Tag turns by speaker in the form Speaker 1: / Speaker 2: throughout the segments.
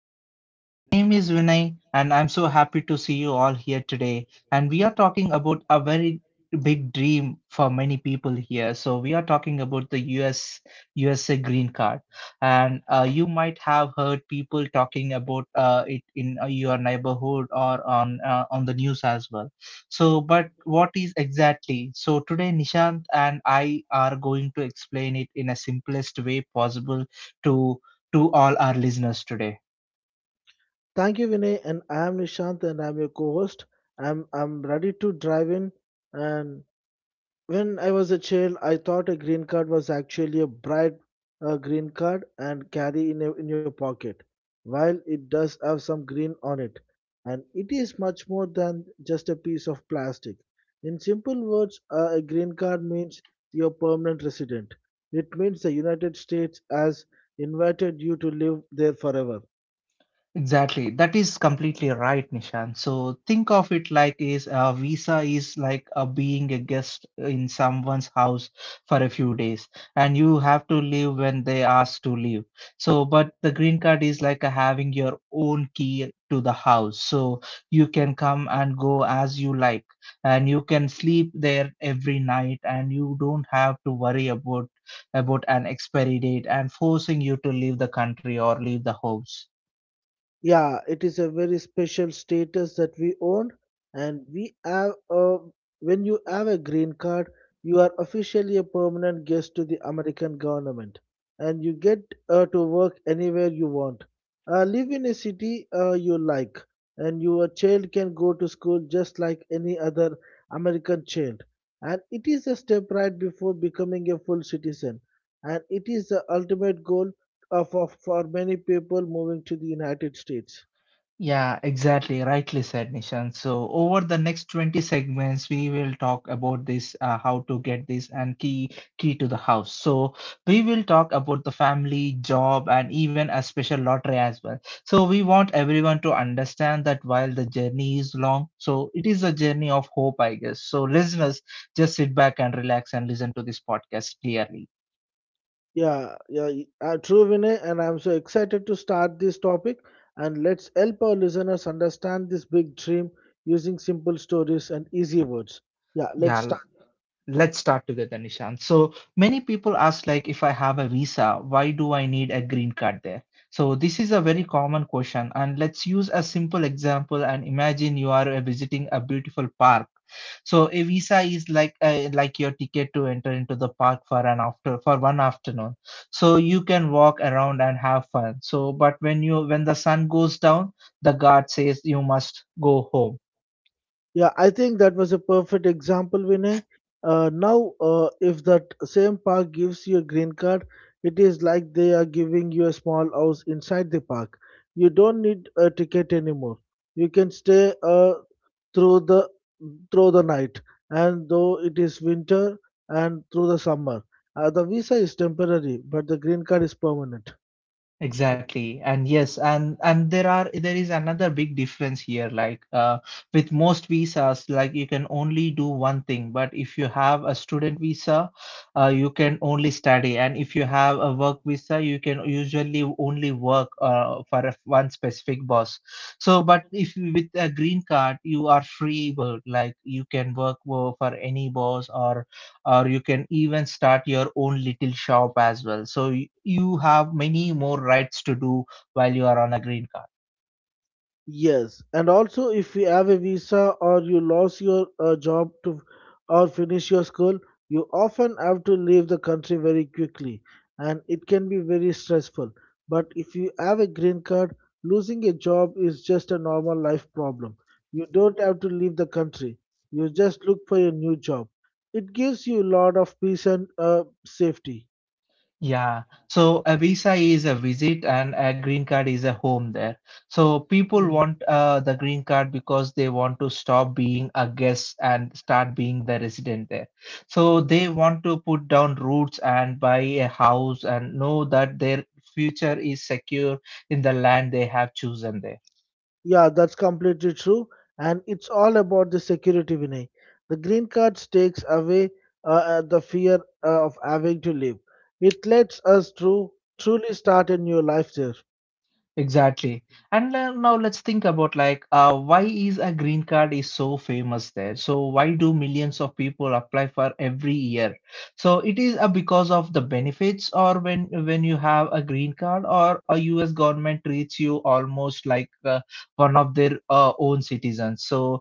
Speaker 1: show today. And my name is Vinay, and I'm so happy to see you all here today. And we are talking about a very big dream for many people here. So we are talking about the US USA green card, and you might have heard people talking about it in your neighborhood or on the news as well. So, but what is exactly? So today, Nishant and I are going to explain it in a simplest way possible to to all our listeners today.
Speaker 2: Thank you, Vinay, and I am Nishant, and I'm your co-host. I'm ready to drive in. And when I was a child, I thought a green card was actually a bright green card and carry in a, in your pocket. While it does have some green on it, and it is much more than just a piece of plastic. In simple words, a green card means you're permanent resident. It means the United States has invited you to live there forever.
Speaker 1: Exactly. That is completely right, Nishan. So think of it like is a visa is like a being a guest in someone's house for a few days and you have to leave when they ask to leave. So but the green card is like a having your own key to the house. So you can come and go as you like and you can sleep there every night and you don't have to worry about an expiry date and forcing you to leave the country or leave the house.
Speaker 2: Yeah, it is a very special status that we own, and we have a, when you have a green card, you are officially a permanent guest to the American government, and you get to work anywhere you want. Live in a city you like, and your child can go to school just like any other American child. And it is a step right before becoming a full citizen, and it is the ultimate goal for many people moving to the United States.
Speaker 1: Yeah, exactly. Rightly said, Nishan. So, over the next 20 segments, we will talk about this, how to get this and key to the house. So, we will talk about the family, job, and even a special lottery as well. So, we want everyone to understand that while the journey is long, so it is a journey of hope, I guess. So, listeners, just sit back and relax and listen to this podcast clearly.
Speaker 2: Yeah, yeah, true, Vinay, and I'm so excited to start this topic. And let's help our listeners understand this big dream using simple stories and easy words. Yeah, let's start.
Speaker 1: Yeah, let's start together, Nishan. So many people ask, like, if I have a visa, why do I need a green card there? So this is a very common question, and let's use a simple example and imagine you are visiting a beautiful park. So a visa is like your ticket to enter into the park for an after for one afternoon. So you can walk around and have fun. So but when the sun goes down, the guard says you must go home.
Speaker 2: Yeah, I think that was a perfect example, Vinay. Now, if that same park gives you a green card, it is like they are giving you a small house inside the park. You don't need a ticket anymore. You can stay through the through the night, and though it is winter and through the summer. The visa is temporary, but the green card is permanent.
Speaker 1: Exactly. And yes, and there is another big difference here. Like with most visas, like you can only do one thing. But if you have a student visa, you can only study, and if you have a work visa you can usually only work for one specific boss. So but if you- with a green card you are free work, like you can work for any boss or you can even start your own little shop as well. So you have many more rights to do while you are on a green card.
Speaker 2: Yes, and also if you have a visa or you lost your job to or finish your school, you often have to leave the country very quickly, and it can be very stressful. But if you have a green card, losing a job is just a normal life problem. You don't have to leave the country. You just look for a new job. It gives you a lot of peace and safety.
Speaker 1: Yeah, so a visa is a visit and a green card is a home there. So people
Speaker 2: Mm.
Speaker 1: want the green card because they want to stop being a guest and start being the resident there. So they want to put down roots and buy a house and know that their future is secure in the land they have chosen there.
Speaker 2: Yeah, that's completely true. And it's all about the security, Vinay. The green card takes away uh, the fear of having to leave. It lets us to truly start a new life there.
Speaker 1: Exactly. And now let's think about like why is a green card is so famous there? So why do millions of people apply for every year? So it is because of the benefits or when you have a green card or a US government treats you almost like one of their own citizens. So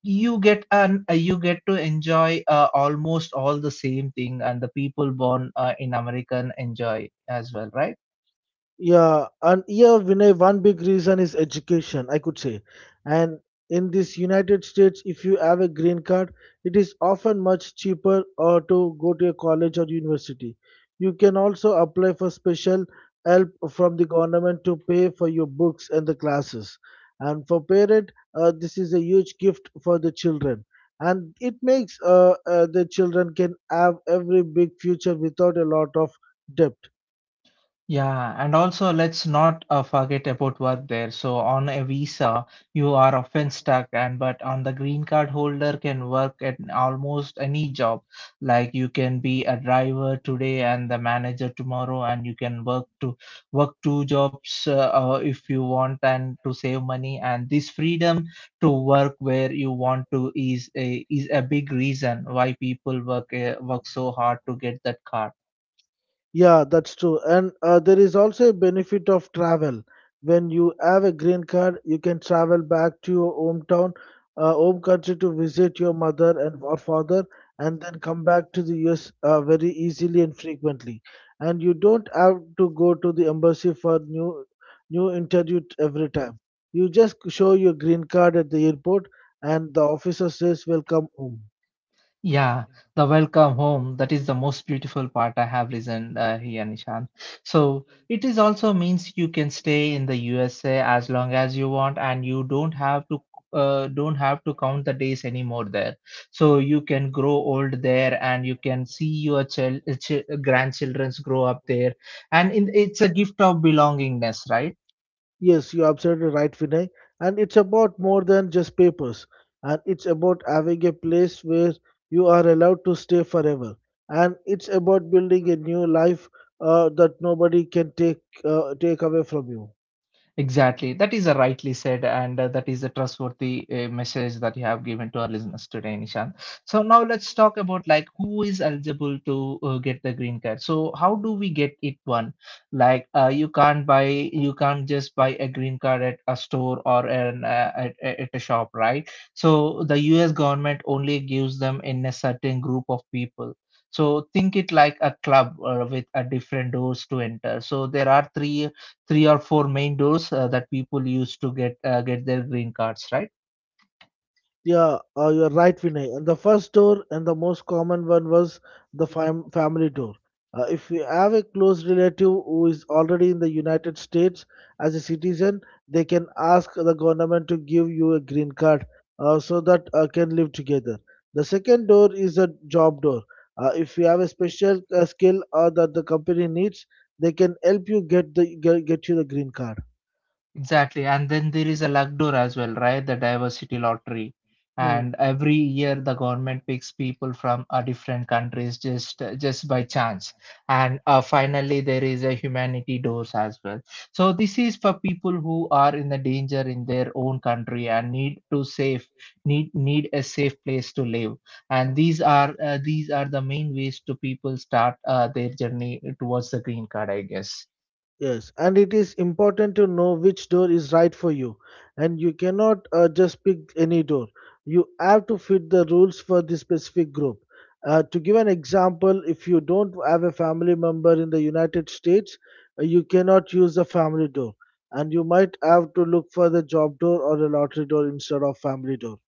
Speaker 1: you get an you get to enjoy almost all the same thing and the people born in American enjoy as well, right?
Speaker 2: Yeah, and yeah, Vinay, one big reason is education, I could say. And in this United States, if you have a green card, it is often much cheaper or to go to a college or university. You can also apply for special help from the government to pay for your books and the classes. And for parent, this is a huge gift for the children. And it makes the children can have every big future without a lot of debt.
Speaker 1: Yeah, and also let's not forget about work there. So on a visa, you are often stuck, and but on the green card holder can work at almost any job. Like you can be a driver today and the manager tomorrow, and you can work two jobs if you want and to save money. And this freedom to work where you want to is a big reason why people work work so hard to get that card.
Speaker 2: Yeah, that's true. And there is also a benefit of travel. When you have a green card, you can travel back to your hometown, home country to visit your mother and or father, and then come back to the US very easily and frequently. And you don't have to go to the embassy for new new interview every time. You just show your green card at the airport, and the officer says, "Welcome home."
Speaker 1: Yeah, the welcome home. That is the most beautiful part I have listened here, Nishan. So it is also means you can stay in the USA as long as you want, and you don't have to count the days anymore there. So you can grow old there, and you can see your grandchildrens grow up there, and in, it's a gift of belongingness, right?
Speaker 2: Yes, you're absolutely right, Vinay. And it's about more than just papers. And it's about having a place where you are allowed to stay forever. And it's about building a new life that nobody can take take away from you.
Speaker 1: Exactly. That is a rightly said, and that is a trustworthy message that you have given to our listeners today, Nishan. So now let's talk about like who is eligible to get the green card. So how do we get it one? Like you can't just buy a green card at a store or an, at a shop, right? So the U.S. government only gives them in a certain group of people. So think it like a club with a different doors to enter. So there are three or four main doors that people use to get their green cards, right?
Speaker 2: Yeah, you're right, Vinay. And the first tour and the most common one was the family tour. If you have a close relative who is already in the United States as a citizen, they can ask the government to give you a green card so that can live together. The second door is a job door. If you have a special skill that the company needs, they can help you get the get you the green card.
Speaker 1: Exactly. And then there is a luck door as well, right? The diversity lottery.
Speaker 2: Hmm.
Speaker 1: And every year the government picks people from different countries just by chance. And finally there is a humanity doors as well. So this is for people who are in the danger in their own country and need to save need a safe place to live. And these are the main ways to people start their journey towards the green card, I guess.
Speaker 2: Yes, and it is important to know which door is right for you, and you cannot just pick any door. You have to fit the rules for this specific group. To give an example, if you don't have a family member in the United States, you cannot use the family door, and you might have to look for the job door or the lottery door instead of family door.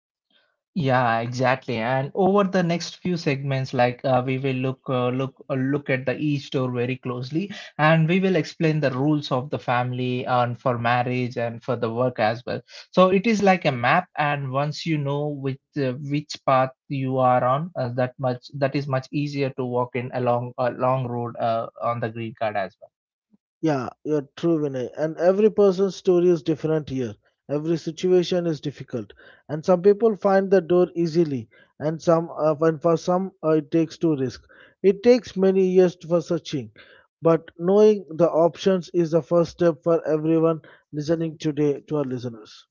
Speaker 1: Yeah, exactly. And over the next few segments, like we will look at the each door very closely, and we will explain the rules of the family and for marriage and for the work as well. So it is like a map, and once you know which path you are on, that is much easier to walk in a long road on the green card as well.
Speaker 2: Yeah, you're true, Vinay. And every person's story is different here. Every situation is difficult, and some people find the door easily, and some, and for some, it takes two risk. It takes many years for searching, but knowing the options is the first step for everyone listening today to our listeners.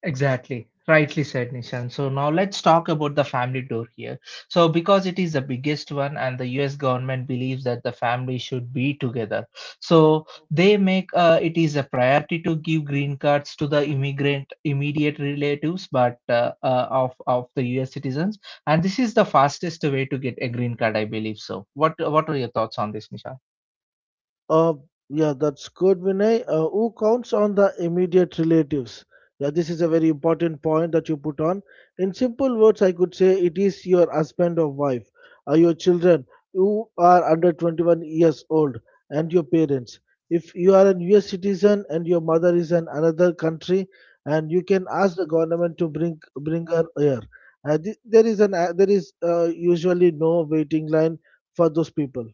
Speaker 1: Exactly. Rightly said, Nishan. So now let's talk about the family tour here. So because it is the biggest one and the US government believes that the family should be together. So they make it is a priority to give green cards to the immigrant immediate relatives but of the US citizens, and this is the fastest way to get a green card I believe so. What are your thoughts on this, Nishan?
Speaker 2: Uh, yeah, that's good, Vinay. Who counts on the immediate relatives? Yeah, this is a very important point that you put on. In simple words, I could say it is your husband or wife, your children who are under 21 years old, and your parents. If you are a US citizen and your mother is in another country, and you can ask the government to bring her here. There is usually no waiting line for those people.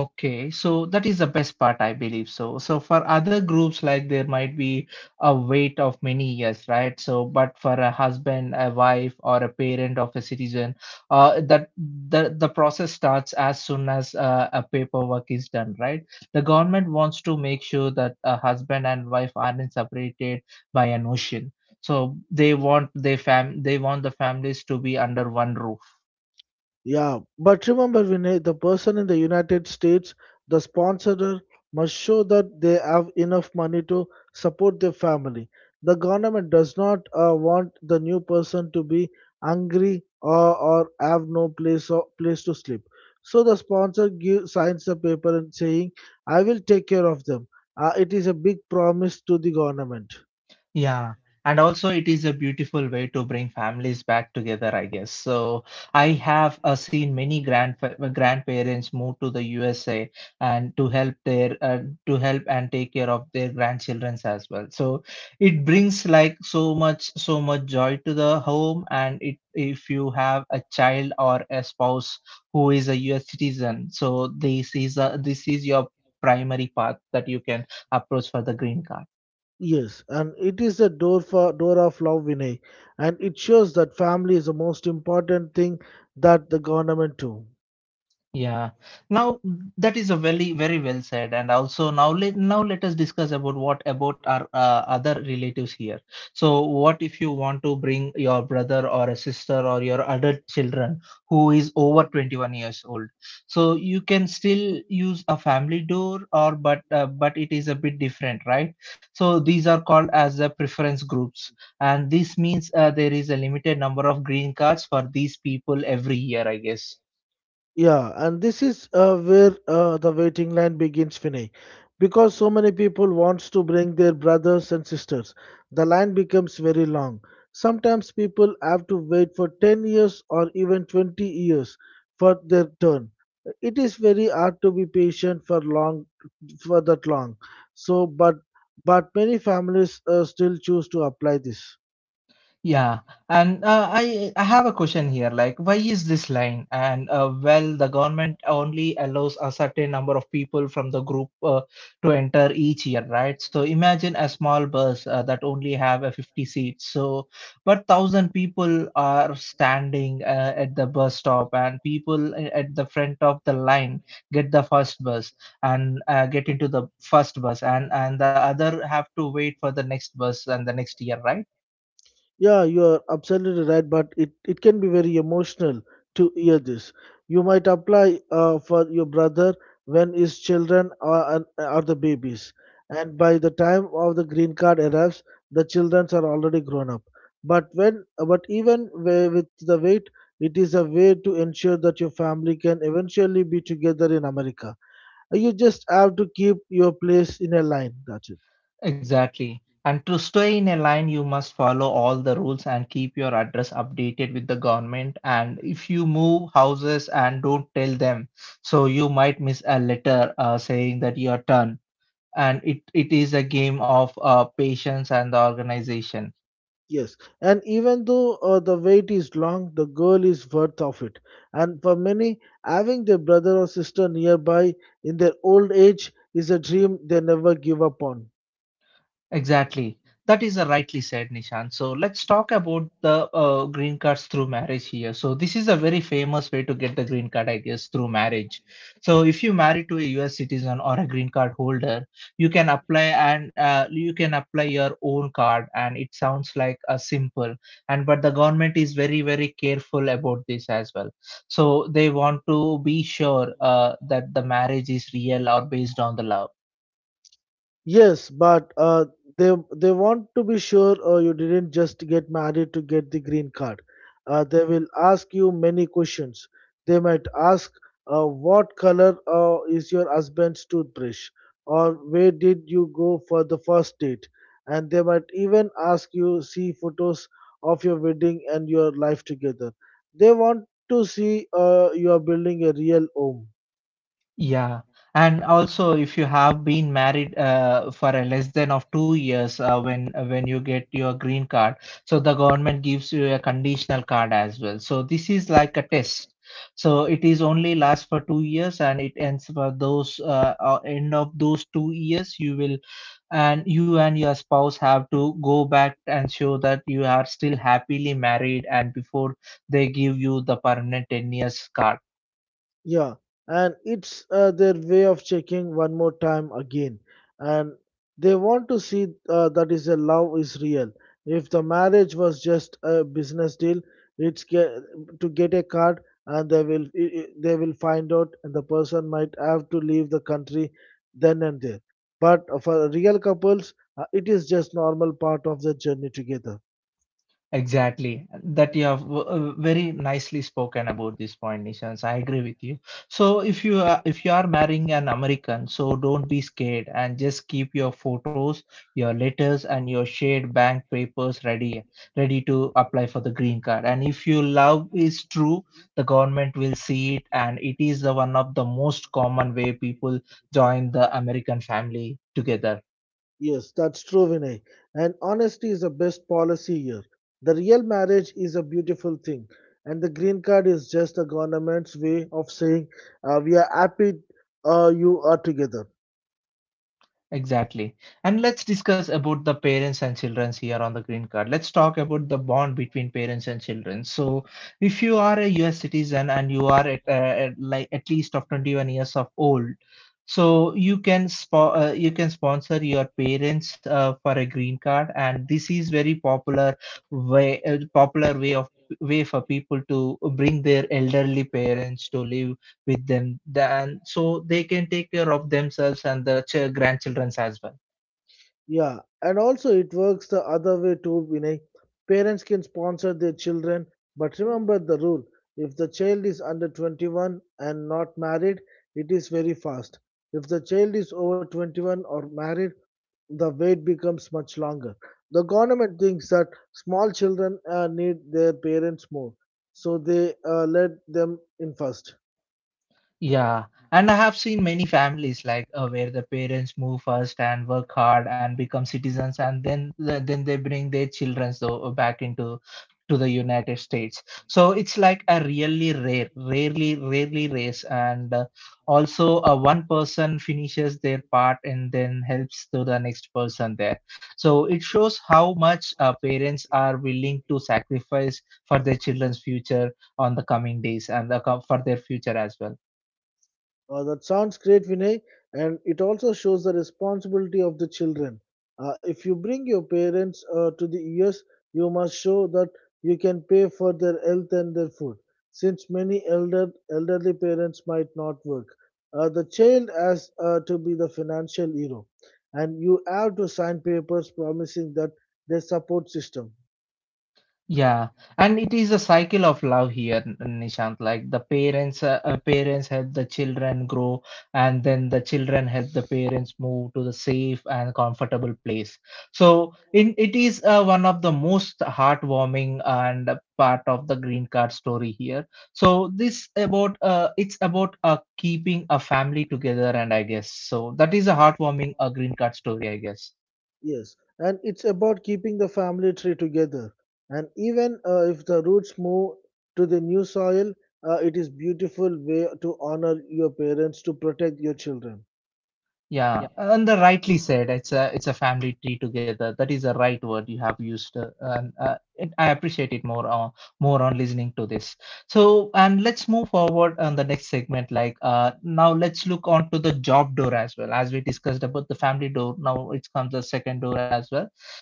Speaker 1: Okay, so that is the best part, I believe so. So for other groups, like there might be a wait of many years, right? So, but for a husband, a wife, or a parent of a citizen, that the process starts as soon as a paperwork is done, right? The government wants to make sure that a husband and wife aren't separated by an ocean. So they want the families to be under one roof.
Speaker 2: Yeah, but remember, Vinay, the person in the United States, the sponsor must show that they have enough money to support their family. The government does not want the new person to be hungry or have no place or place to sleep. So the sponsor give, signs the paper and saying, "I will take care of them." It is a big promise to the government.
Speaker 1: Yeah, and also it is a beautiful way to bring families back together, I guess. So I have seen many grandparents move to the USA and to help their to help and take care of their grandchildren as well. So it brings like so much joy to the home, and it if you have a child or a spouse who is a US citizen, so this is your primary path that you can approach for the green card.
Speaker 2: Yes, and it is the door for door of love, Vinay, and it shows that family is the most important thing that the government do.
Speaker 1: Yeah. Now that is a very well said, and also now let us discuss about what about our other relatives here. So what if you want to bring your brother or a sister or your adult children who is over 21 years old? So you can still use a family door or but it is a bit different, right? So these are called as the preference groups, and this means there is a limited number of green cards for these people every year, I guess.
Speaker 2: Yeah, and this is where the waiting line begins, Vinay. Because so many people wants to bring their brothers and sisters, the line becomes very long. Sometimes people have to wait for 10 years or even 20 years for their turn. It is very hard to be patient for long, for that long. So, but many families still choose to apply this.
Speaker 1: Yeah, and I have a question here. Like, why is this line? And well, the government only allows a certain number of people from the group to enter each year, right? So imagine a small bus that only have a 50 seats. So, but thousand people are standing at the bus stop, and people at the front of the line get the first bus and get into the first bus, and the other have to wait for the next bus and the next year, right?
Speaker 2: Yeah, you are absolutely right, but it can be very emotional to hear this. You might apply for your brother when his children are, are the babies, and by the time of the green card arrives, the children are already grown up. But when, but even with the wait, it is a way to ensure that your family can eventually be together in America. You just have to keep your place in a line. That's it.
Speaker 1: Exactly. And to stay in a line, you must follow all the rules and keep your address updated with the government. And if you move houses and don't tell them, so you might miss a letter saying that your turn. And it is a game of patience and the organization.
Speaker 2: Yes, and even though the wait is long, the goal is worth of it. And for many, having their brother or sister nearby in their old age is a dream they never give up on.
Speaker 1: Exactly. That is a rightly said, Nishan. So let's talk about the green cards through marriage here. So this is a very famous way to get the green card, I guess, through marriage. So if you marry to a U.S. citizen or a green card holder, you can apply and you can apply your own card. And it sounds like a simple, and but the government is very careful about this as well. So they want to be sure that the marriage is real or based on the love.
Speaker 2: Yes, but they want to be sure you didn't just get married to get the green card. They will ask you many questions. They might ask, what color is your husband's toothbrush, or where did you go for the first date, and they might even ask you see photos of your wedding and your life together. They want to see you are building a real home.
Speaker 1: Yeah, and also if you have been married for a less than of 2 years when you get your green card, so the government gives you a conditional card as well. So this is like a test. So it is only lasts for 2 years and it ends for those end of those 2 years you will and you and your spouse have to go back and show that you are still happily married and before they give you the permanent 10 years card.
Speaker 2: Yeah, and it's their way of checking one more time again. And they want to see that is a love is real. If the marriage was just a business deal, it's get, to get a card and they will they will find out and the person might have to leave the country then and there. But for real couples, it is just normal part of the journey together.
Speaker 1: Exactly, that you have very nicely spoken about this point, Nishans. I agree with you. So if you are marrying an American, so don't be scared and just keep your photos, your letters, and your shared bank papers ready, ready to apply for the green card. And if your love is true, the government will see it, and it is the one of the most common way people join the American family together.
Speaker 2: Yes, that's true, Vinay. And honesty is the best policy here. The real marriage is a beautiful thing, and the green card is just the government's way of saying we are happy you are together.
Speaker 1: Exactly. And let's discuss about the parents and childrens here on the green card. Let's talk about the bond between parents and children. So, if you are a US citizen and you are at like at least of 21 years of old, so you can you can sponsor your parents for a green card, and this is very popular way of way for people to bring their elderly parents to live with them, then so they can take care of themselves and the grandchildren as well.
Speaker 2: Yeah, and also it works the other way too, Vinay. Parents can sponsor their children, but remember the rule. If the child is under 21 and not married, it is very fast. If the child is over 21 or married, the wait becomes much longer. The government thinks that small children need their parents more, so they let them in first.
Speaker 1: Yeah, and I have seen many families like where the parents move first and work hard and become citizens, and then then they bring their children so back into to the United States. So it's like a really rarely race, and also one person finishes their part and then helps to the next person there. So it shows how much parents are willing to sacrifice for their children's future on the coming days and for their future as well.
Speaker 2: That sounds great, Vinay. And it also shows the responsibility of the children. If you bring your parents to the US, you must show that you can pay for their health and their food, since many elderly parents might not work. The child has to be the financial hero, and you have to sign papers promising that they support system.
Speaker 1: Yeah, and it is a cycle of love here, Nishant. Like parents help the children grow, and then the children help the parents move to the safe and comfortable place. So, in it is one of the most heartwarming and a part of the green card story here. So, this about it's about keeping a family together, and I guess so that is a heartwarming green card story, I guess.
Speaker 2: Yes, and it's about keeping the family tree together. And even if the roots move to the new soil, it is beautiful way to honor your parents to protect your children.
Speaker 1: Yeah, and the rightly said, it's a family tree together. That is the right word you have used, and it, I appreciate it more on listening to this. So, and let's move forward on the next segment. Like now, let's look onto the job door as well. As we discussed about the family door, now it comes the second door as well.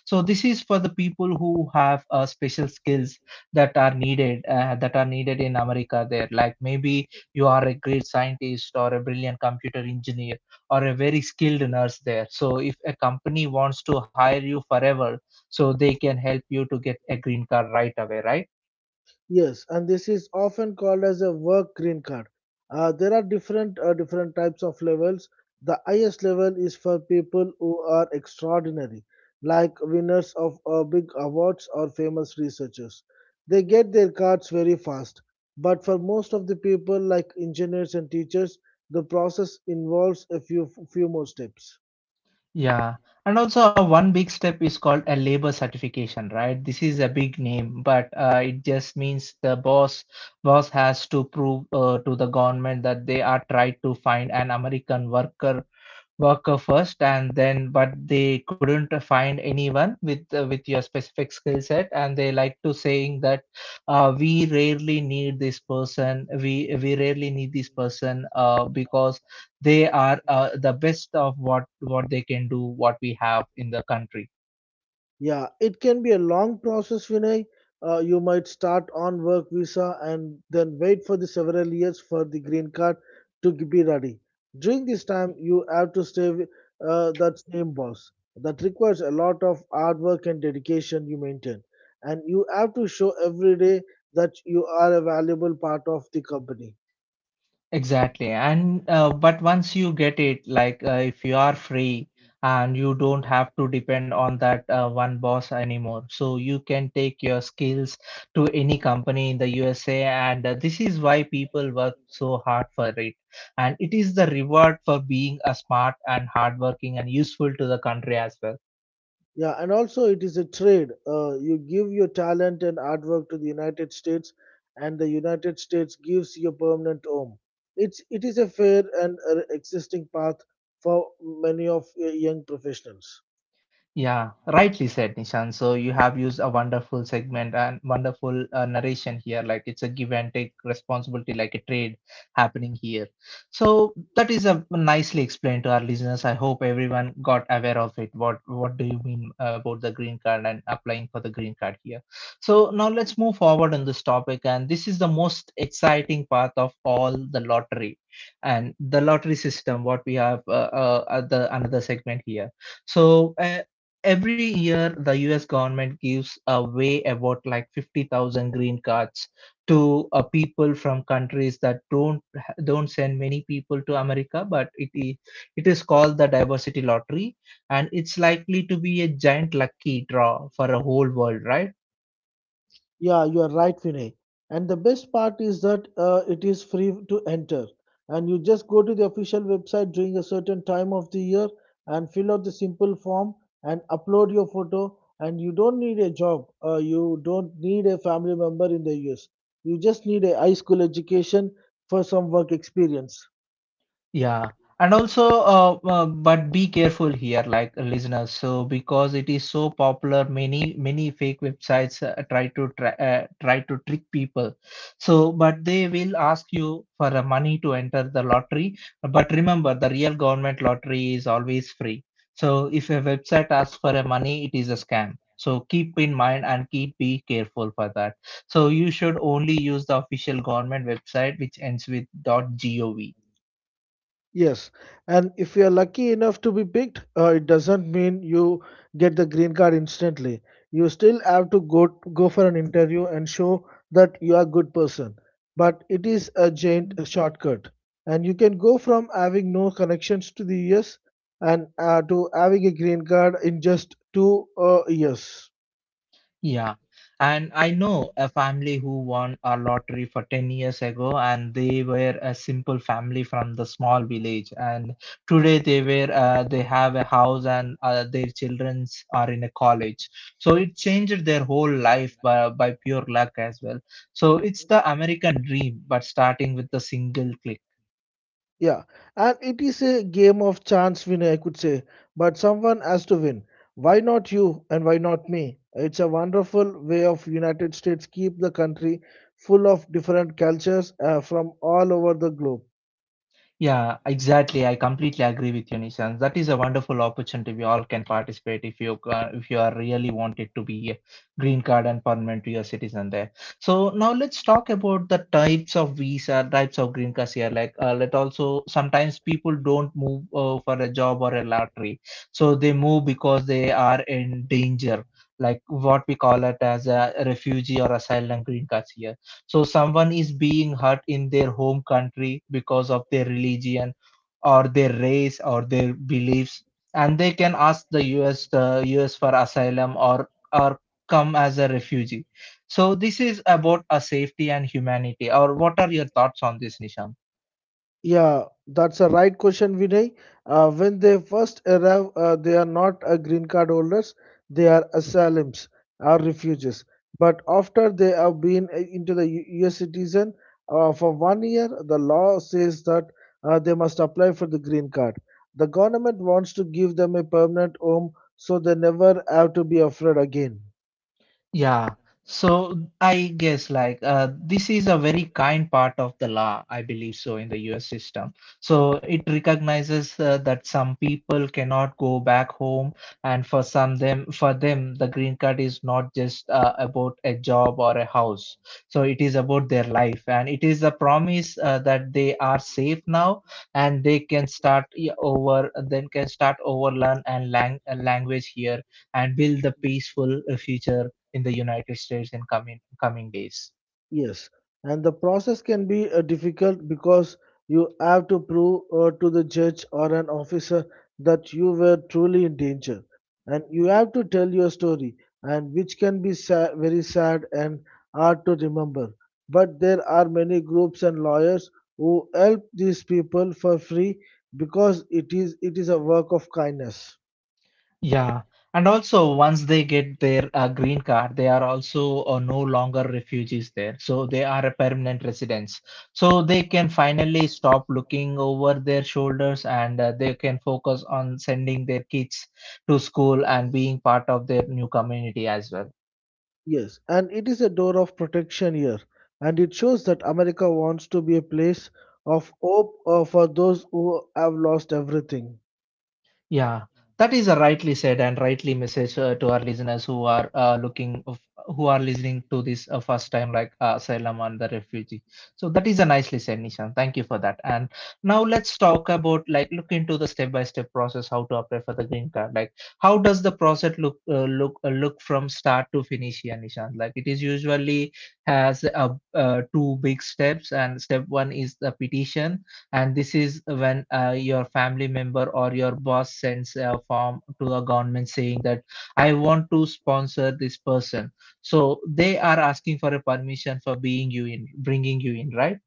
Speaker 1: So this is for the people who have special skills that are needed in America. There, like maybe you are a great scientist or a brilliant computer engineer or a very skilled nurse there. So if a company wants to hire you forever, so they can help you to get a green card right away, right?
Speaker 2: Yes, and this is often called as a work green card. There are different types of levels. The highest level is for people who are extraordinary, like winners of big awards or famous researchers. They get their cards very fast. But for most of the people, like engineers and teachers, the process involves a few more steps.
Speaker 1: Yeah, and also one big step is called a labor certification, right? This is a big name, but it just means the boss has to prove to the government that they are tried to find an American worker first, and then but they couldn't find anyone with your specific skill set, and they like to saying that we rarely need this person, we rarely need this person because they are the best of what they can do what we have in the country.
Speaker 2: Yeah, it can be a long process, Vinay. You might start on work visa and then wait for the several years for the green card to be ready. During this time, you have to stay with that same boss. That requires a lot of hard work and dedication you maintain. And you have to show every day that you are a valuable part of the company.
Speaker 1: Exactly, and but once you get it like if you are free and you don't have to depend on that one boss anymore, so you can take your skills to any company in the USA, and this is why people work so hard for it, and it is the reward for being a smart and hardworking and useful to the country as well.
Speaker 2: Yeah, and also it is a trade. You give your talent and artwork to the United States, and the United States gives you a permanent home. It is a fair and existing path for many of young professionals.
Speaker 1: Yeah, rightly said, Nishan. So you have used a wonderful segment and wonderful narration here. Like it's a give and take responsibility, like a trade happening here. So that is a nicely explained to our listeners. I hope everyone got aware of it. What do you mean about the green card and applying for the green card here? So now let's move forward on this topic, and this is the most exciting part of all the lottery and the lottery system. What we have at the another segment here. So every year, the US government gives away about like 50,000 green cards to people from countries that don't send many people to America, but it is called the diversity lottery, and it's likely to be a giant lucky draw for a whole world, right?
Speaker 2: Yeah, you are right, Vinay. And the best part is that it is free to enter. And you just go to the official website during a certain time of the year and fill out the simple form and upload your photo. And you don't need a job. You don't need a family member in the US. You just need a high school education for some work experience.
Speaker 1: Yeah, and also, but be careful here, like listeners. So because it is so popular, many fake websites try to trick people. So, but they will ask you for the money to enter the lottery. But remember, the real government lottery is always free. So if a website asks for a money, it is a scam. So keep in mind and keep be careful for that. So you should only use the official government website, which ends with .gov.
Speaker 2: Yes, and if you are lucky enough to be picked, it doesn't mean you get the green card instantly. You still have to go for an interview and show that you are a good person. But it is a giant shortcut, and you can go from having no connections to the US and to having a green card in just two years.
Speaker 1: Yeah, and I know a family who won a lottery for 10 years ago, and they were a simple family from the small village. And today they were they have a house, and their childrens are in a college. So it changed their whole life by pure luck as well. So it's the American dream, but starting with the single click.
Speaker 2: Yeah, and it is a game of chance winner, I could say, but someone has to win. Why not you and why not me? It's a wonderful way of United States keep the country full of different cultures from all over the globe.
Speaker 1: Yeah, exactly. I completely agree with you, Nishan. That is a wonderful opportunity. We all can participate if you are really wanted to be a green card and permanent US citizen there. So now let's talk about the types of visa, types of green cards here. Like, let also sometimes people don't move for a job or a lottery, so they move because they are in danger. Like what we call it as a refugee or asylum green cards here. So someone is being hurt in their home country because of their religion or their race or their beliefs, and they can ask the US for asylum or come as a refugee. So this is about a safety and humanity. Or what are your thoughts on this, Nishant?
Speaker 2: Yeah, that's a right question, Vinay. When they first arrive, they are not green card holders, they are asylums or refugees. But after they have been into the US citizen for 1 year, the law says that they must apply for the green card. The government wants to give them a permanent home so they never have to be afraid again.
Speaker 1: Yeah. So I guess like this is a very kind part of the law, I believe so, in the US system. So it recognizes that some people cannot go back home, and for them, the green card is not just about a job or a house. So it is about their life, and it is a promise that they are safe now, and they can start yeah, over, then can start over, learn and language here, and build a peaceful future in the United States in coming days.
Speaker 2: Yes, and the process can be difficult because you have to prove to the judge or an officer that you were truly in danger, and you have to tell your story, and which can be very sad and hard to remember. But there are many groups and lawyers who help these people for free because it is a work of kindness.
Speaker 1: Yeah, and also once they get their green card, they are also no longer refugees there, so they are a permanent residents. So they can finally stop looking over their shoulders, and they can focus on sending their kids to school and being part of their new community as well.
Speaker 2: Yes, and it is a door of protection here, and it shows that America wants to be a place of hope for those who have lost everything.
Speaker 1: Yeah, that is a rightly said and rightly message to our listeners who are who are listening to this first time, like asylum and the refugee. So that is a nicely said, Nishan. Thank you for that. And now let's talk about like look into the step by step process how to apply for the green card. Like how does the process look look from start to finish here, Nishan? Like it is usually has two big steps, and step one is the petition, and this is when your family member or your boss sends a form to the government saying that I want to sponsor this person. So they are asking for a permission for being you in, bringing you in, right?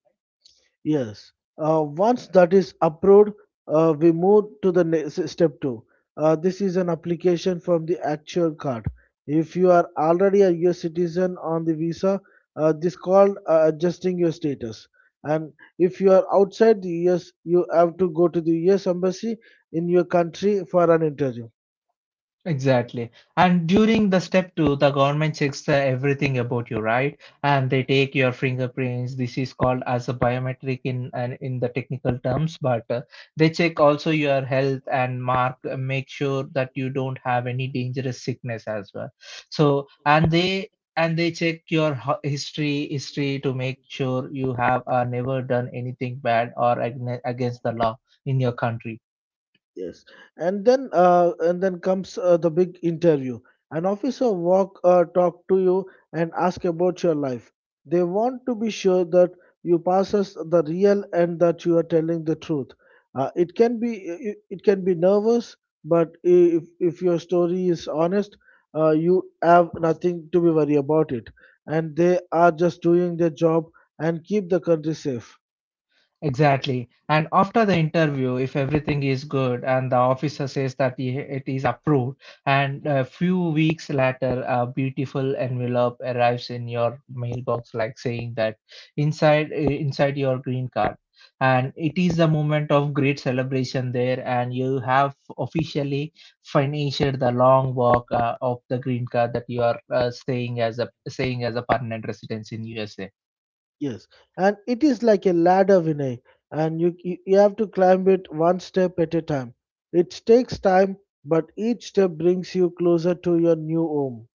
Speaker 2: Yes, once that is approved, we move to the next step two. This is an application from the actual card. If you are already a US citizen on the visa, this called adjusting your status. And if you are outside the US, you have to go to the US embassy in your country for an interview.
Speaker 1: Exactly. And during the step two, the government checks everything about you, right? And they take your fingerprints. This is called as a biometric in and in the technical terms, but they check also your health and mark make sure that you don't have any dangerous sickness as well. So and they check your history to make sure you have never done anything bad or against the law in your country.
Speaker 2: Yes, and then comes the big interview. An officer walk talk to you and ask about your life. They want to be sure that you passes the real and that you are telling the truth. It can be nervous, but if your story is honest, you have nothing to be worried about it. And they are just doing their job and keep the country safe.
Speaker 1: Exactly. And after the interview, if everything is good and the officer says that it is approved, and a few weeks later, a beautiful envelope arrives in your mailbox, like saying that inside your green card, and it is a moment of great celebration there, and you have officially finished the long walk of the green card, that you are staying as a permanent residence in USA.
Speaker 2: Yes, and it is like a ladder, Vinay, and you have to climb it one step at a time. It takes time, but each step brings you closer to your new home.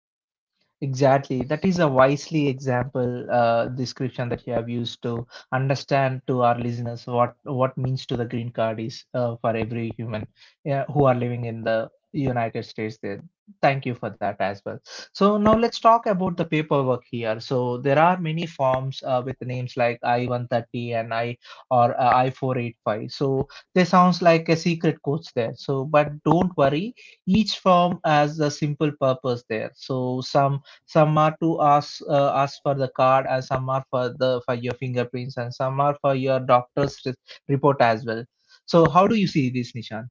Speaker 1: Exactly. That is a wisely example description that you have used to understand to our listeners what means to the green card is for every human, yeah, who are living in the United States. There. Thank you for that as well. So now let's talk about the paperwork here. So there are many forms with names like I-130 and I or I-485. So they sounds like a secret codes there. So but don't worry, each form has a simple purpose there. So some are to ask for the card, and some are for the for your fingerprints, and some are for your doctor's report as well. So how do you see this, Nishan?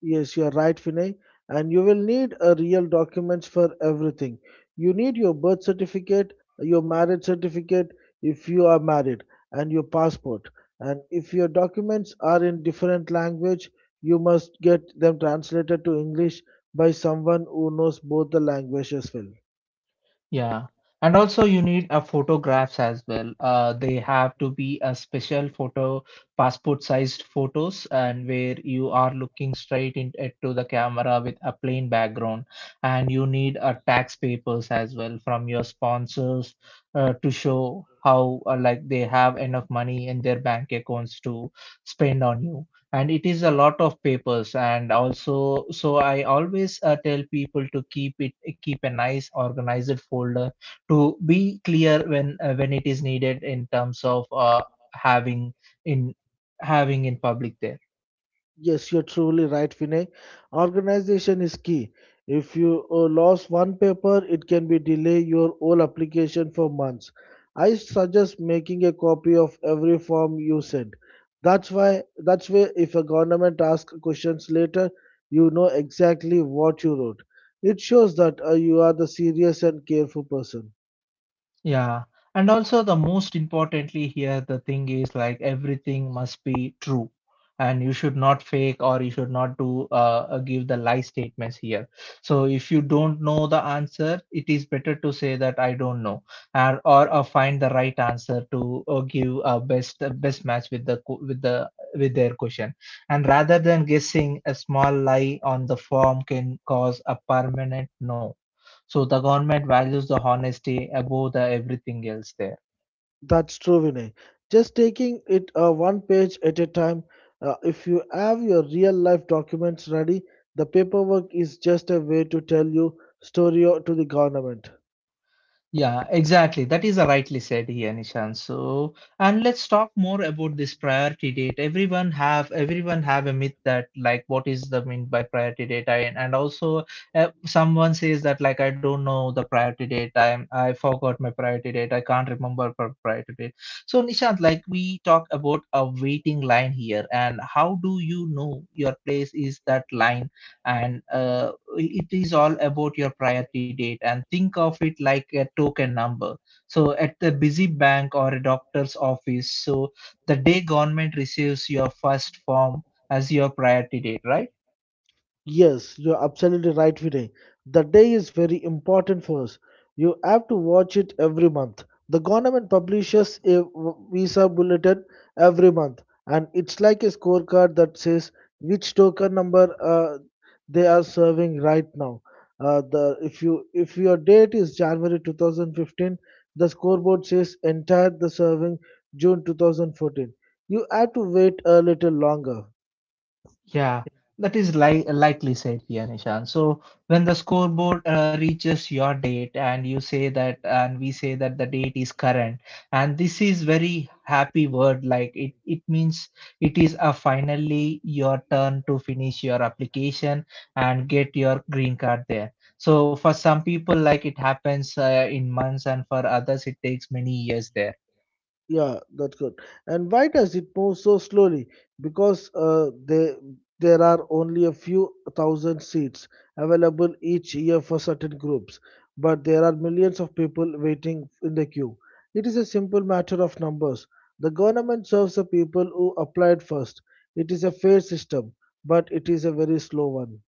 Speaker 2: Yes, you're right, Vinay. And you will need a real documents for everything. You need your birth certificate, your marriage certificate if you are married, and your passport. And if your documents are in different language, you must get them translated to English by someone who knows both the languages well.
Speaker 1: Yeah. And also you need a photographs as well. They have to be a special photo, passport sized photos, and where you are looking straight into the camera with a plain background. And you need a tax papers as well from your sponsors to show how like they have enough money in their bank accounts to spend on you. And it is a lot of papers, and also so I always tell people to keep a nice organized folder to be clear when it is needed in terms of having in having in public there.
Speaker 2: Yes, you're truly right, Vinay. Organization is key. If you lose one paper, it can be delay your whole application for months. I suggest making a copy of every form you send. That's why if a government asks questions later, you know exactly what you wrote. It shows that you are the serious and careful person.
Speaker 1: Yeah. And also the most importantly here, the thing is like everything must be true, and you should not fake or you should not do give the lie statements here. So if you don't know the answer, it is better to say that I don't know, and or find the right answer to give a best match with the with the with their question. And rather than guessing, a small lie on the form can cause a permanent no. So the government values the honesty above the everything else there.
Speaker 2: That's true, Vinay. Just taking it one page at a time. If you have your real life documents ready, the paperwork is just a way to tell your story to the government.
Speaker 1: Yeah, exactly. That is rightly said here, Nishan. So, and let's talk more about this priority date. Everyone have a myth that like what is the mean by priority date? I, and also someone says that like I don't know the priority date. I forgot my priority date. I can't remember priority date. So Nishant, like we talk about a waiting line here, and how do you know your place is that line? And it is all about your priority date, and think of it like a token number, so at the busy bank or a doctor's office. So the day government receives your first form as your priority date, right?
Speaker 2: Yes, you're absolutely right, Vinay. The day is very important for us. You have to watch it every month. The government publishes a visa bulletin every month, and it's like a scorecard that says which token number they are serving right now. The If you if your date is January 2015, the scoreboard says entire the serving June 2014. You have to wait a little longer.
Speaker 1: Yeah, that is li likely said here, Nishan. So when the scoreboard reaches your date and you say that, and we say that the date is current, and this is very happy word, like it means it is a finally your turn to finish your application and get your green card there. So for some people, like it happens in months, and for others, it takes many years there.
Speaker 2: Yeah, that's good. And why does it move so slowly? Because there are only a few thousand seats available each year for certain groups, but there are millions of people waiting in the queue. It is a simple matter of numbers. The government serves the people who applied first. It is a fair system, but it is a very slow one.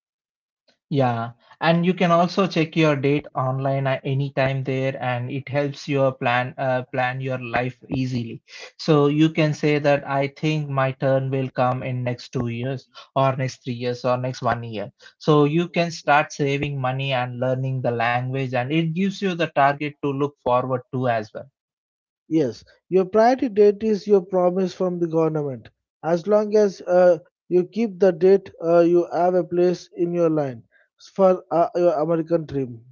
Speaker 1: Yeah, and you can also check your date online at any time there, and it helps your plan your life easily. So you can say that I think my turn will come in next 2 years, or next 3 years, or next 1 year. So you can start saving money and learning the language, and it gives you the target to look forward to as well.
Speaker 2: Yes, your priority date is your promise from the government. As long as you keep the date, you have a place in your line for your American dream.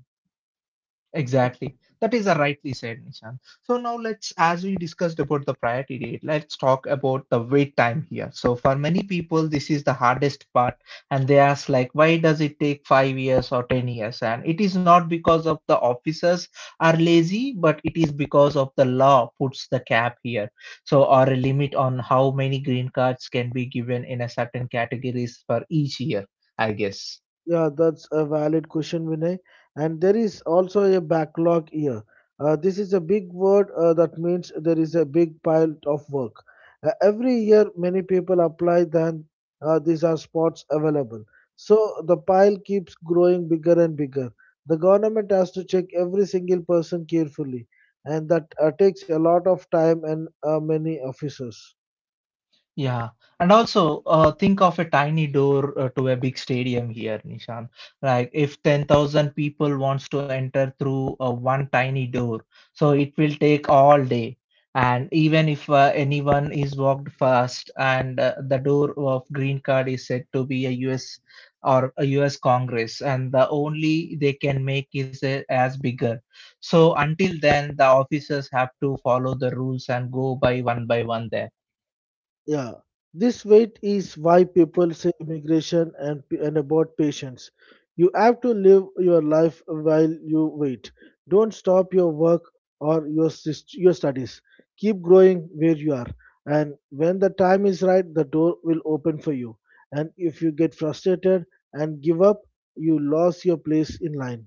Speaker 1: Exactly. That is a rightly said, Nishan. So now let's, as we discussed about the priority date, let's talk about the wait time here. So for many people, this is the hardest part, and they ask like, why does it take 5 years or 10 years? And it is not because of the officers are lazy, but it is because of the law puts the cap here. So or a limit on how many green cards can be given in a certain categories for each year, I guess.
Speaker 2: Yeah, that's a valid question, Vinay. And there is also a backlog here. This is a big word that means there is a big pile of work. Every year, many people apply, then these are spots available. So the pile keeps growing bigger and bigger. The government has to check every single person carefully, and that takes a lot of time and many officers.
Speaker 1: Yeah, and also think of a tiny door to a big stadium here, Nishan. Like if 10,000 people wants to enter through one tiny door, so it will take all day. And even if anyone is walked fast, and the door of green card is said to be a US or a US Congress, and the only they can make is a, as bigger. So until then, the officers have to follow the rules and go by one there.
Speaker 2: Yeah, this wait is why people say immigration and about patience. You have to live your life while you wait. Don't stop your work or your your studies. Keep growing where you are, and when the time is right, the door will open for you. And if you get frustrated and give up, you lost your place in line.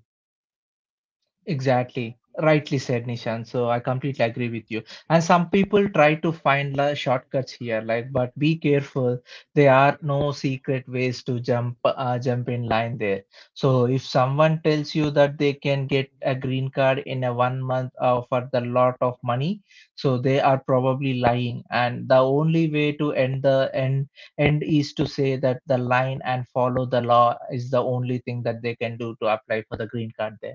Speaker 1: Exactly. Rightly said, Nishan. So I completely agree with you. And some people try to find la shortcuts here, like, but be careful. There are no secret ways to jump, jump in line there. So if someone tells you that they can get a green card in a 1 month for the lot of money, so they are probably lying. And the only way to end the end end is to say that the line and follow the law is the only thing that they can do to apply for the green card there.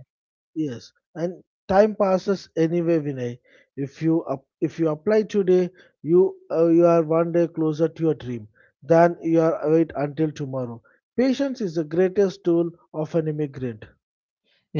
Speaker 2: Yes, and time passes anyway, Vinay. If you apply today, you are 1 day closer to your dream than you are wait until tomorrow. Patience is the greatest tool of an immigrant.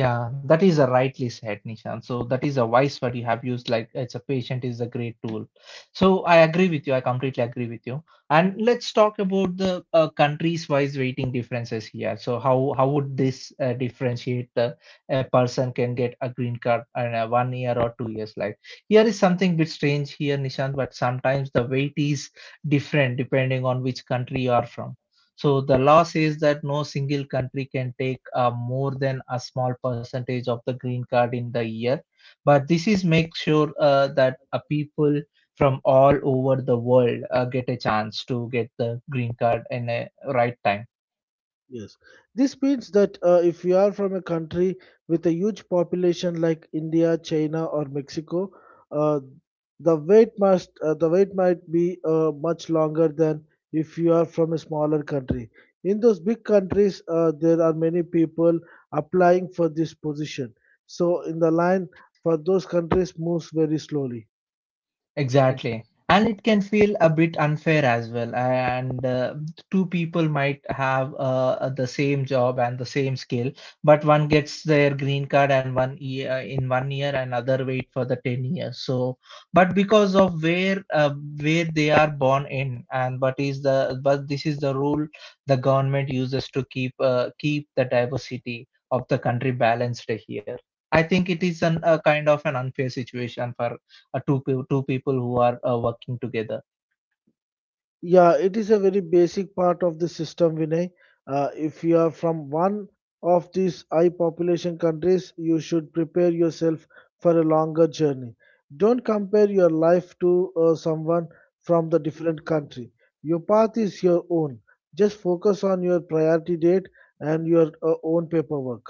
Speaker 1: Yeah, that is a rightly said, Nishan. So that is a wise word you have used, like it's a patient is a great tool. So I agree with you. I completely agree with you. And let's talk about the countries-wise waiting differences here. So how would this differentiate the, a person can get a green card in a 1 year or 2 years? Like here is something bit strange here, Nishan, but sometimes the wait is different depending on which country you are from. So the law says that no single country can take more than a small percentage of the green card in the year. But this is make sure that people from all over the world get a chance to get the green card in a right time.
Speaker 2: Yes, this means that if you are from a country with a huge population like India, China, or Mexico, uh, the wait might be much longer than if you are from a smaller country. In those big countries, there are many people applying for this position, so in the line for those countries moves very slowly.
Speaker 1: Exactly. And it can feel a bit unfair as well. And two people might have the same job and the same skill, but one gets their green card and 1 year, another wait for the 10 years. So, but because of where they are born in, and but is the but this is the rule the government uses to keep the diversity of the country balanced here. I think it is an, a kind of an unfair situation for two two people who are working together.
Speaker 2: Yeah, it is a very basic part of the system, Vinay. If you are from one of these high population countries, you should prepare yourself for a longer journey. Don't compare your life to someone from the different country. Your path is your own. Just focus on your priority date and your own paperwork.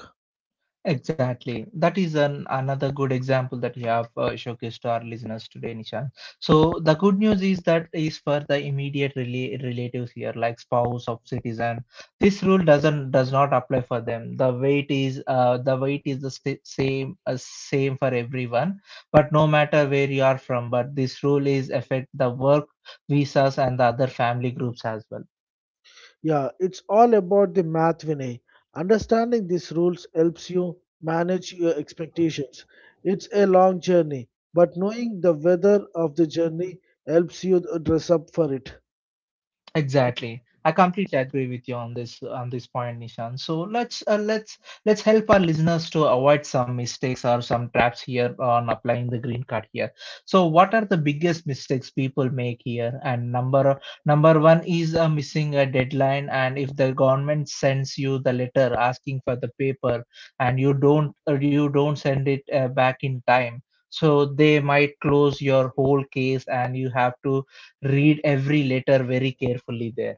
Speaker 1: Exactly. That is an another good example that you have showcased to our listeners today, Nishan. So the good news is that is for the immediate relatives here, like spouse of citizen. This rule does not apply for them. The weight is the same same for everyone, but no matter where you are from. But this rule is affect the work visas and the other family groups as well.
Speaker 2: Yeah, it's all about the math, Vinay. Understanding these rules helps you manage your expectations. It's a long journey, but knowing the weather of the journey helps you dress up for it.
Speaker 1: Exactly. I completely agree with you on this point, Nishan. So let's help our listeners to avoid some mistakes or some traps here on applying the green card here. So what are the biggest mistakes people make here? And number one is missing a deadline. And if the government sends you the letter asking for the paper, and you don't send it back in time, so they might close your whole case, and you have to read every letter very carefully there.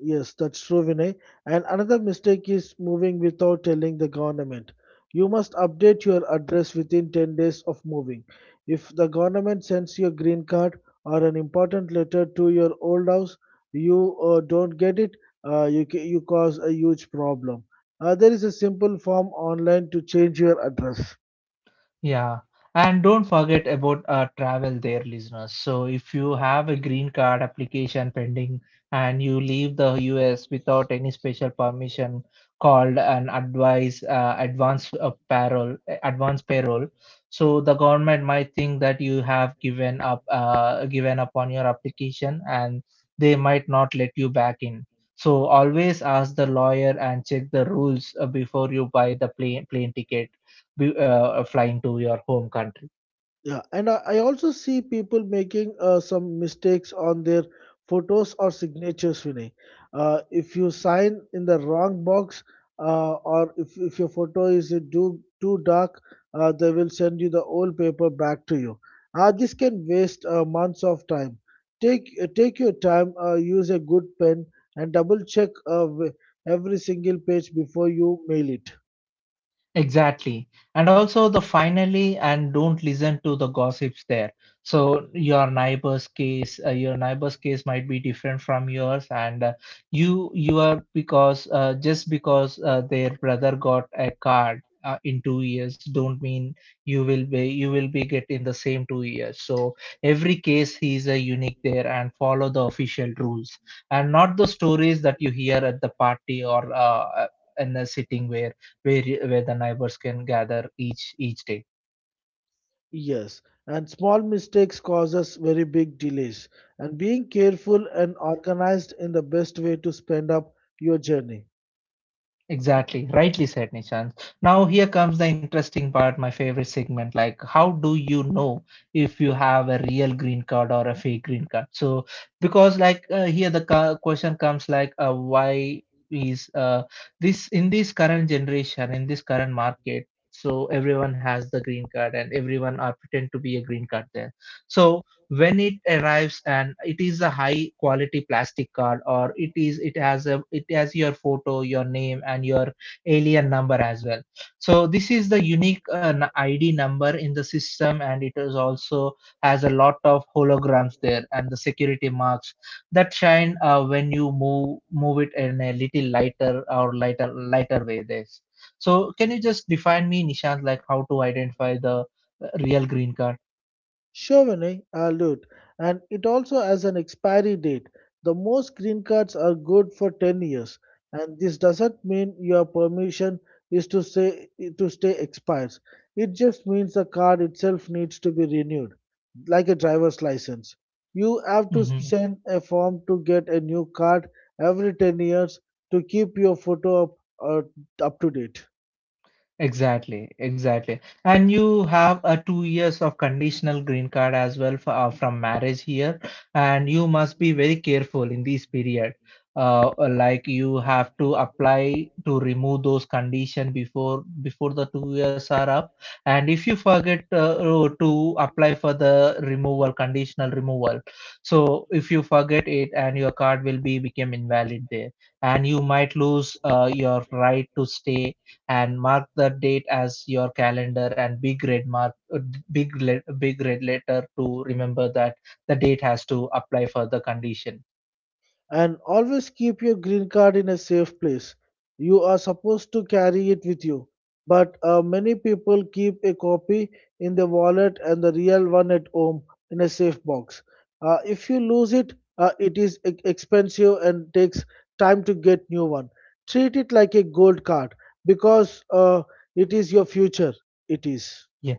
Speaker 2: Yes, that's true, Vinay. And another mistake is moving without telling the government. You must update your address within 10 days of moving. If the government sends you a green card or an important letter to your old house, you don't get it, you cause a huge problem. There is a simple form online to change your address.
Speaker 1: Yeah, and don't forget about travel there, listeners. So, if you have a green card application pending and you leave the US without any special permission called an advice advance parole, advance parole, so the government might think that you have given up on your application and they might not let you back in. So, always ask the lawyer and check the rules before you buy the plane ticket flying to your home country.
Speaker 2: Yeah, and I also see people making some mistakes on their photos or signatures, Vinay. If you sign in the wrong box or if your photo is too dark, they will send you the old paper back to you. This can waste months of time. Take your time, use a good pen, and double check every single page before you mail it.
Speaker 1: Exactly. And also the finally, and don't listen to the gossips there. So your your neighbor's case might be different from yours, and you you are because just because their brother got a card in 2 years, don't mean you will be get in the same 2 years. So every case is a unique there, and follow the official rules and not the stories that you hear at the party or in a sitting where where the neighbors can gather each day.
Speaker 2: Yes, and small mistakes causes very big delays. And being careful and organized in the best way to spend up your journey.
Speaker 1: Exactly, rightly said, Nishant. Now here comes the interesting part, my favorite segment. Like, how do you know if you have a real green card or a fake green card? So, because like here question comes like, why is this in this current generation in this current market? So everyone has the green card and everyone are pretend to be a green card there. So when it arrives and it is a high quality plastic card or it is it has a it has your photo, your name, and your alien number as well. So this is the unique id number in the system, and it is also has a lot of holograms there and the security marks that shine when you move it in a little lighter or lighter way there. So can you just define me, Nishant, like how to identify the real green card?
Speaker 2: Sure, Vinay, I'll do it. And it also has an expiry date. The most green cards are good for 10 years, and this doesn't mean your permission is to say to stay expires. It just means the card itself needs to be renewed, like a driver's license. You have to
Speaker 1: Mm-hmm.
Speaker 2: send a form to get a new card every 10 years to keep your photo uh, up to date.
Speaker 1: Exactly, exactly. And you have a 2 years of conditional green card as well for, from marriage here, and you must be very careful in this period. Like you have to apply to remove those condition before the 2 years are up, and if you forget to apply for the removal, conditional removal, so if you forget it and your card will be become invalid there, and you might lose your right to stay. And mark the date as your calendar and big red mark big red letter to remember that the date has to apply for the condition.
Speaker 2: And always keep your green card in a safe place. You are supposed to carry it with you, but many people keep a copy in their wallet and the real one at home in a safe box. If you lose it, it is expensive and takes time to get new one. Treat it like a gold card because it is your future. It is.
Speaker 1: Yeah.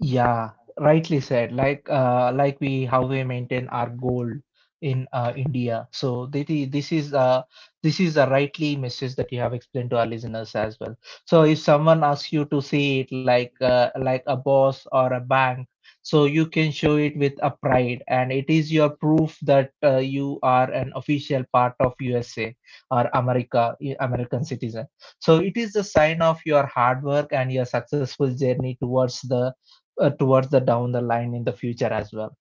Speaker 1: Yeah, rightly said. Like we how we maintain our gold in India. So this is a rightly message that you have explained to our listeners as well. So if someone asks you to see it like a boss or a bank, so you can show it with a pride, and it is your proof that you are an official part of USA or America, American citizen. So it is a sign of your hard work and your successful journey towards the down the line in the future as well.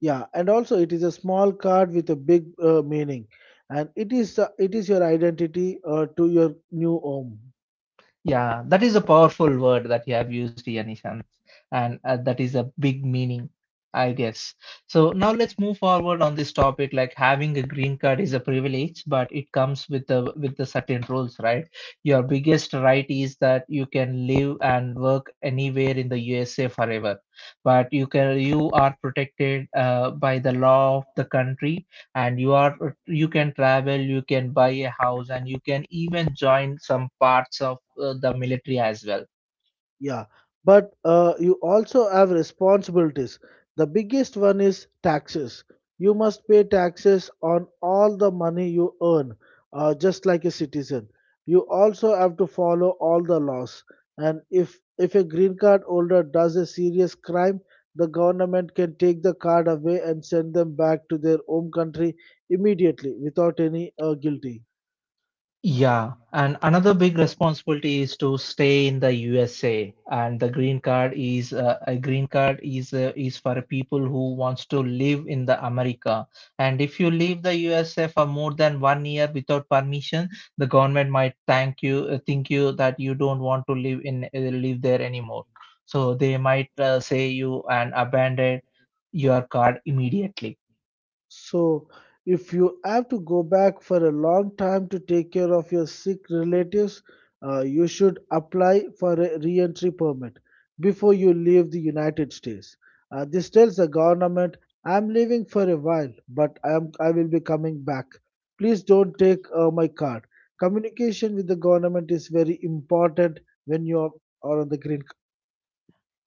Speaker 2: Yeah, and also it is a small card with a big meaning, and it is your identity to your new home.
Speaker 1: Yeah, that is a powerful word that you have used here, Nishant. And that is a big meaning, I guess. So now let's move forward on this topic. Like having a green card is a privilege, but it comes with the certain rules, right? Your biggest right is that you can live and work anywhere in the USA forever, but you are protected by the law of the country, and you are you can travel, you can buy a house, and you can even join some parts of the military as well.
Speaker 2: Yeah, but you also have responsibilities. The biggest one is taxes. You must pay taxes on all the money you earn, just like a citizen. You also have to follow all the laws. And if a green card holder does a serious crime, the government can take the card away and send them back to their home country immediately without any guilty.
Speaker 1: Yeah, and another big responsibility is to stay in the USA, and the green card is is for people who wants to live in the America. And if you leave the USA for more than 1 year without permission, the government might thank you, think you that you don't want to live in live there anymore. So they might say you and abandon your card immediately.
Speaker 2: So, if you have to go back for a long time to take care of your sick relatives, you should apply for a re entry permit before you leave the United States. This tells the government, I'm leaving for a while, but I will be coming back. Please don't take my card. Communication with the government is very important when you are on the green.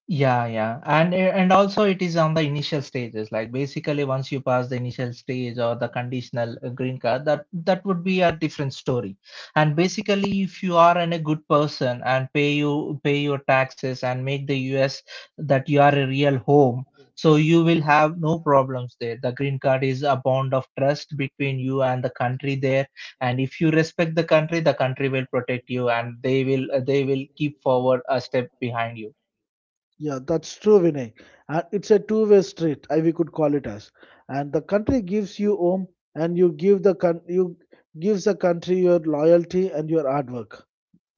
Speaker 1: Yeah, yeah. And and also it is on the initial stages. Like basically once you pass the initial stage or the conditional green card, that would be a different story. And basically if you are a good person and pay your taxes and make the US that you are a real home, so you will have no problems there. The green card is a bond of trust between you and the country there. And if you respect the country will protect you and they will keep forward a step behind you.
Speaker 2: Yeah, that's true, Vinay. And it's a two-way street, I we could call it as. And the country gives you home, and you give the coun- you gives the country your loyalty and your hard work.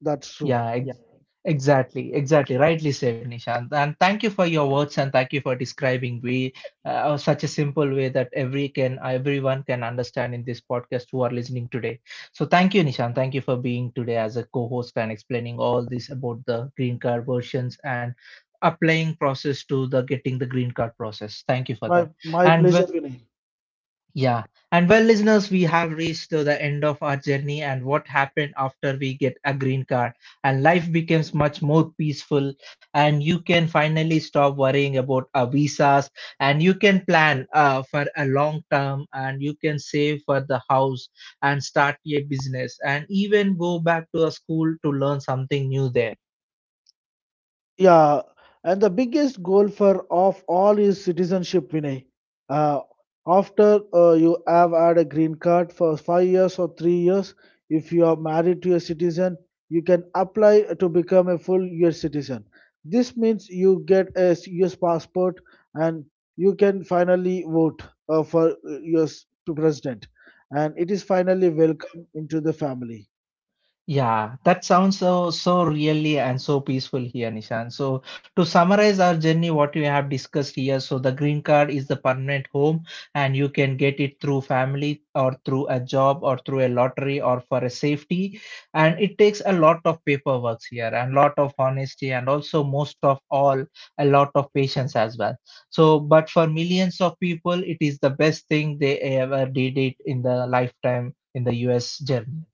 Speaker 2: That's true.
Speaker 1: Yeah, exactly, exactly. Rightly said, Nishant. And thank you for your words and thank you for describing we such a simple way that everyone can understand in this podcast who are listening today. So thank you, Nishant. Thank you for being today as a co-host and explaining all this about the green card versions and applying process to the getting the green card process. Thank you for that.
Speaker 2: My
Speaker 1: And w-
Speaker 2: pleasure, Vinay.
Speaker 1: yeah. And well, listeners, we have reached to the end of our journey and what happened after we get a green card and life becomes much more peaceful, and you can finally stop worrying about visas, and you can plan for a long term, and you can save for the house and start a business and even go back to a school to learn something new there.
Speaker 2: Yeah, and the biggest goal for of all is citizenship, Vinay. Uh, after you have had a green card for 5 years or 3 years, if you are married to a citizen, you can apply to become a full U.S. citizen. This means you get a U.S. passport and you can finally vote for U.S. president, and it is finally welcome into the family.
Speaker 1: Yeah, that sounds so so really and so peaceful here, Nishan. So to summarize our journey, what we have discussed here, so the green card is the permanent home, and you can get it through family or through a job or through a lottery or for a safety. And it takes a lot of paperwork here and lot of honesty and also most of all a lot of patience as well. So, but for millions of people, it is the best thing they ever did it in the lifetime in the US journey.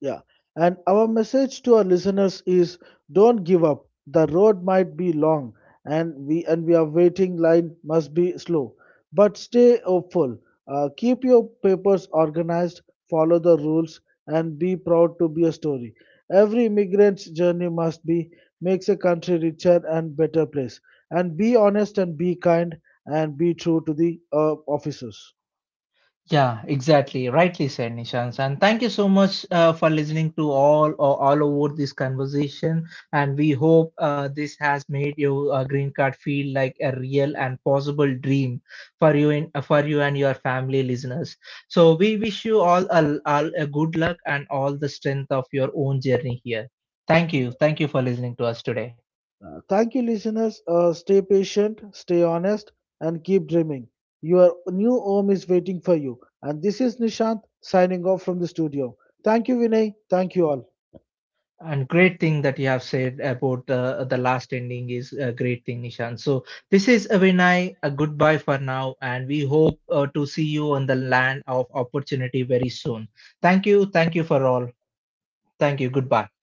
Speaker 2: Yeah. And our message to our listeners is don't give up. The road might be long and we are waiting line must be slow. But stay hopeful. Keep your papers organized, follow the rules and be proud to be a story. Every immigrant's journey must be makes a country richer and better place. And be honest and be kind and be true to the officers.
Speaker 1: Yeah, exactly. Rightly said, Nishant. And thank you so much for listening to all or all over this conversation. And we hope this has made your green card feel like a real and possible dream for you in for you and your family listeners. So we wish you all a good luck and all the strength of your own journey here. Thank you. Thank you for listening to us today.
Speaker 2: Thank you, listeners. Stay patient, stay honest, and keep dreaming. Your new home is waiting for you. And this is Nishant signing off from the studio. Thank you, Vinay. Thank you all.
Speaker 1: And great thing that you have said about the last ending is a great thing, Nishan. So this is a Vinay, a goodbye for now, and we hope to see you on the land of opportunity very soon. Thank you for all. Thank you, goodbye.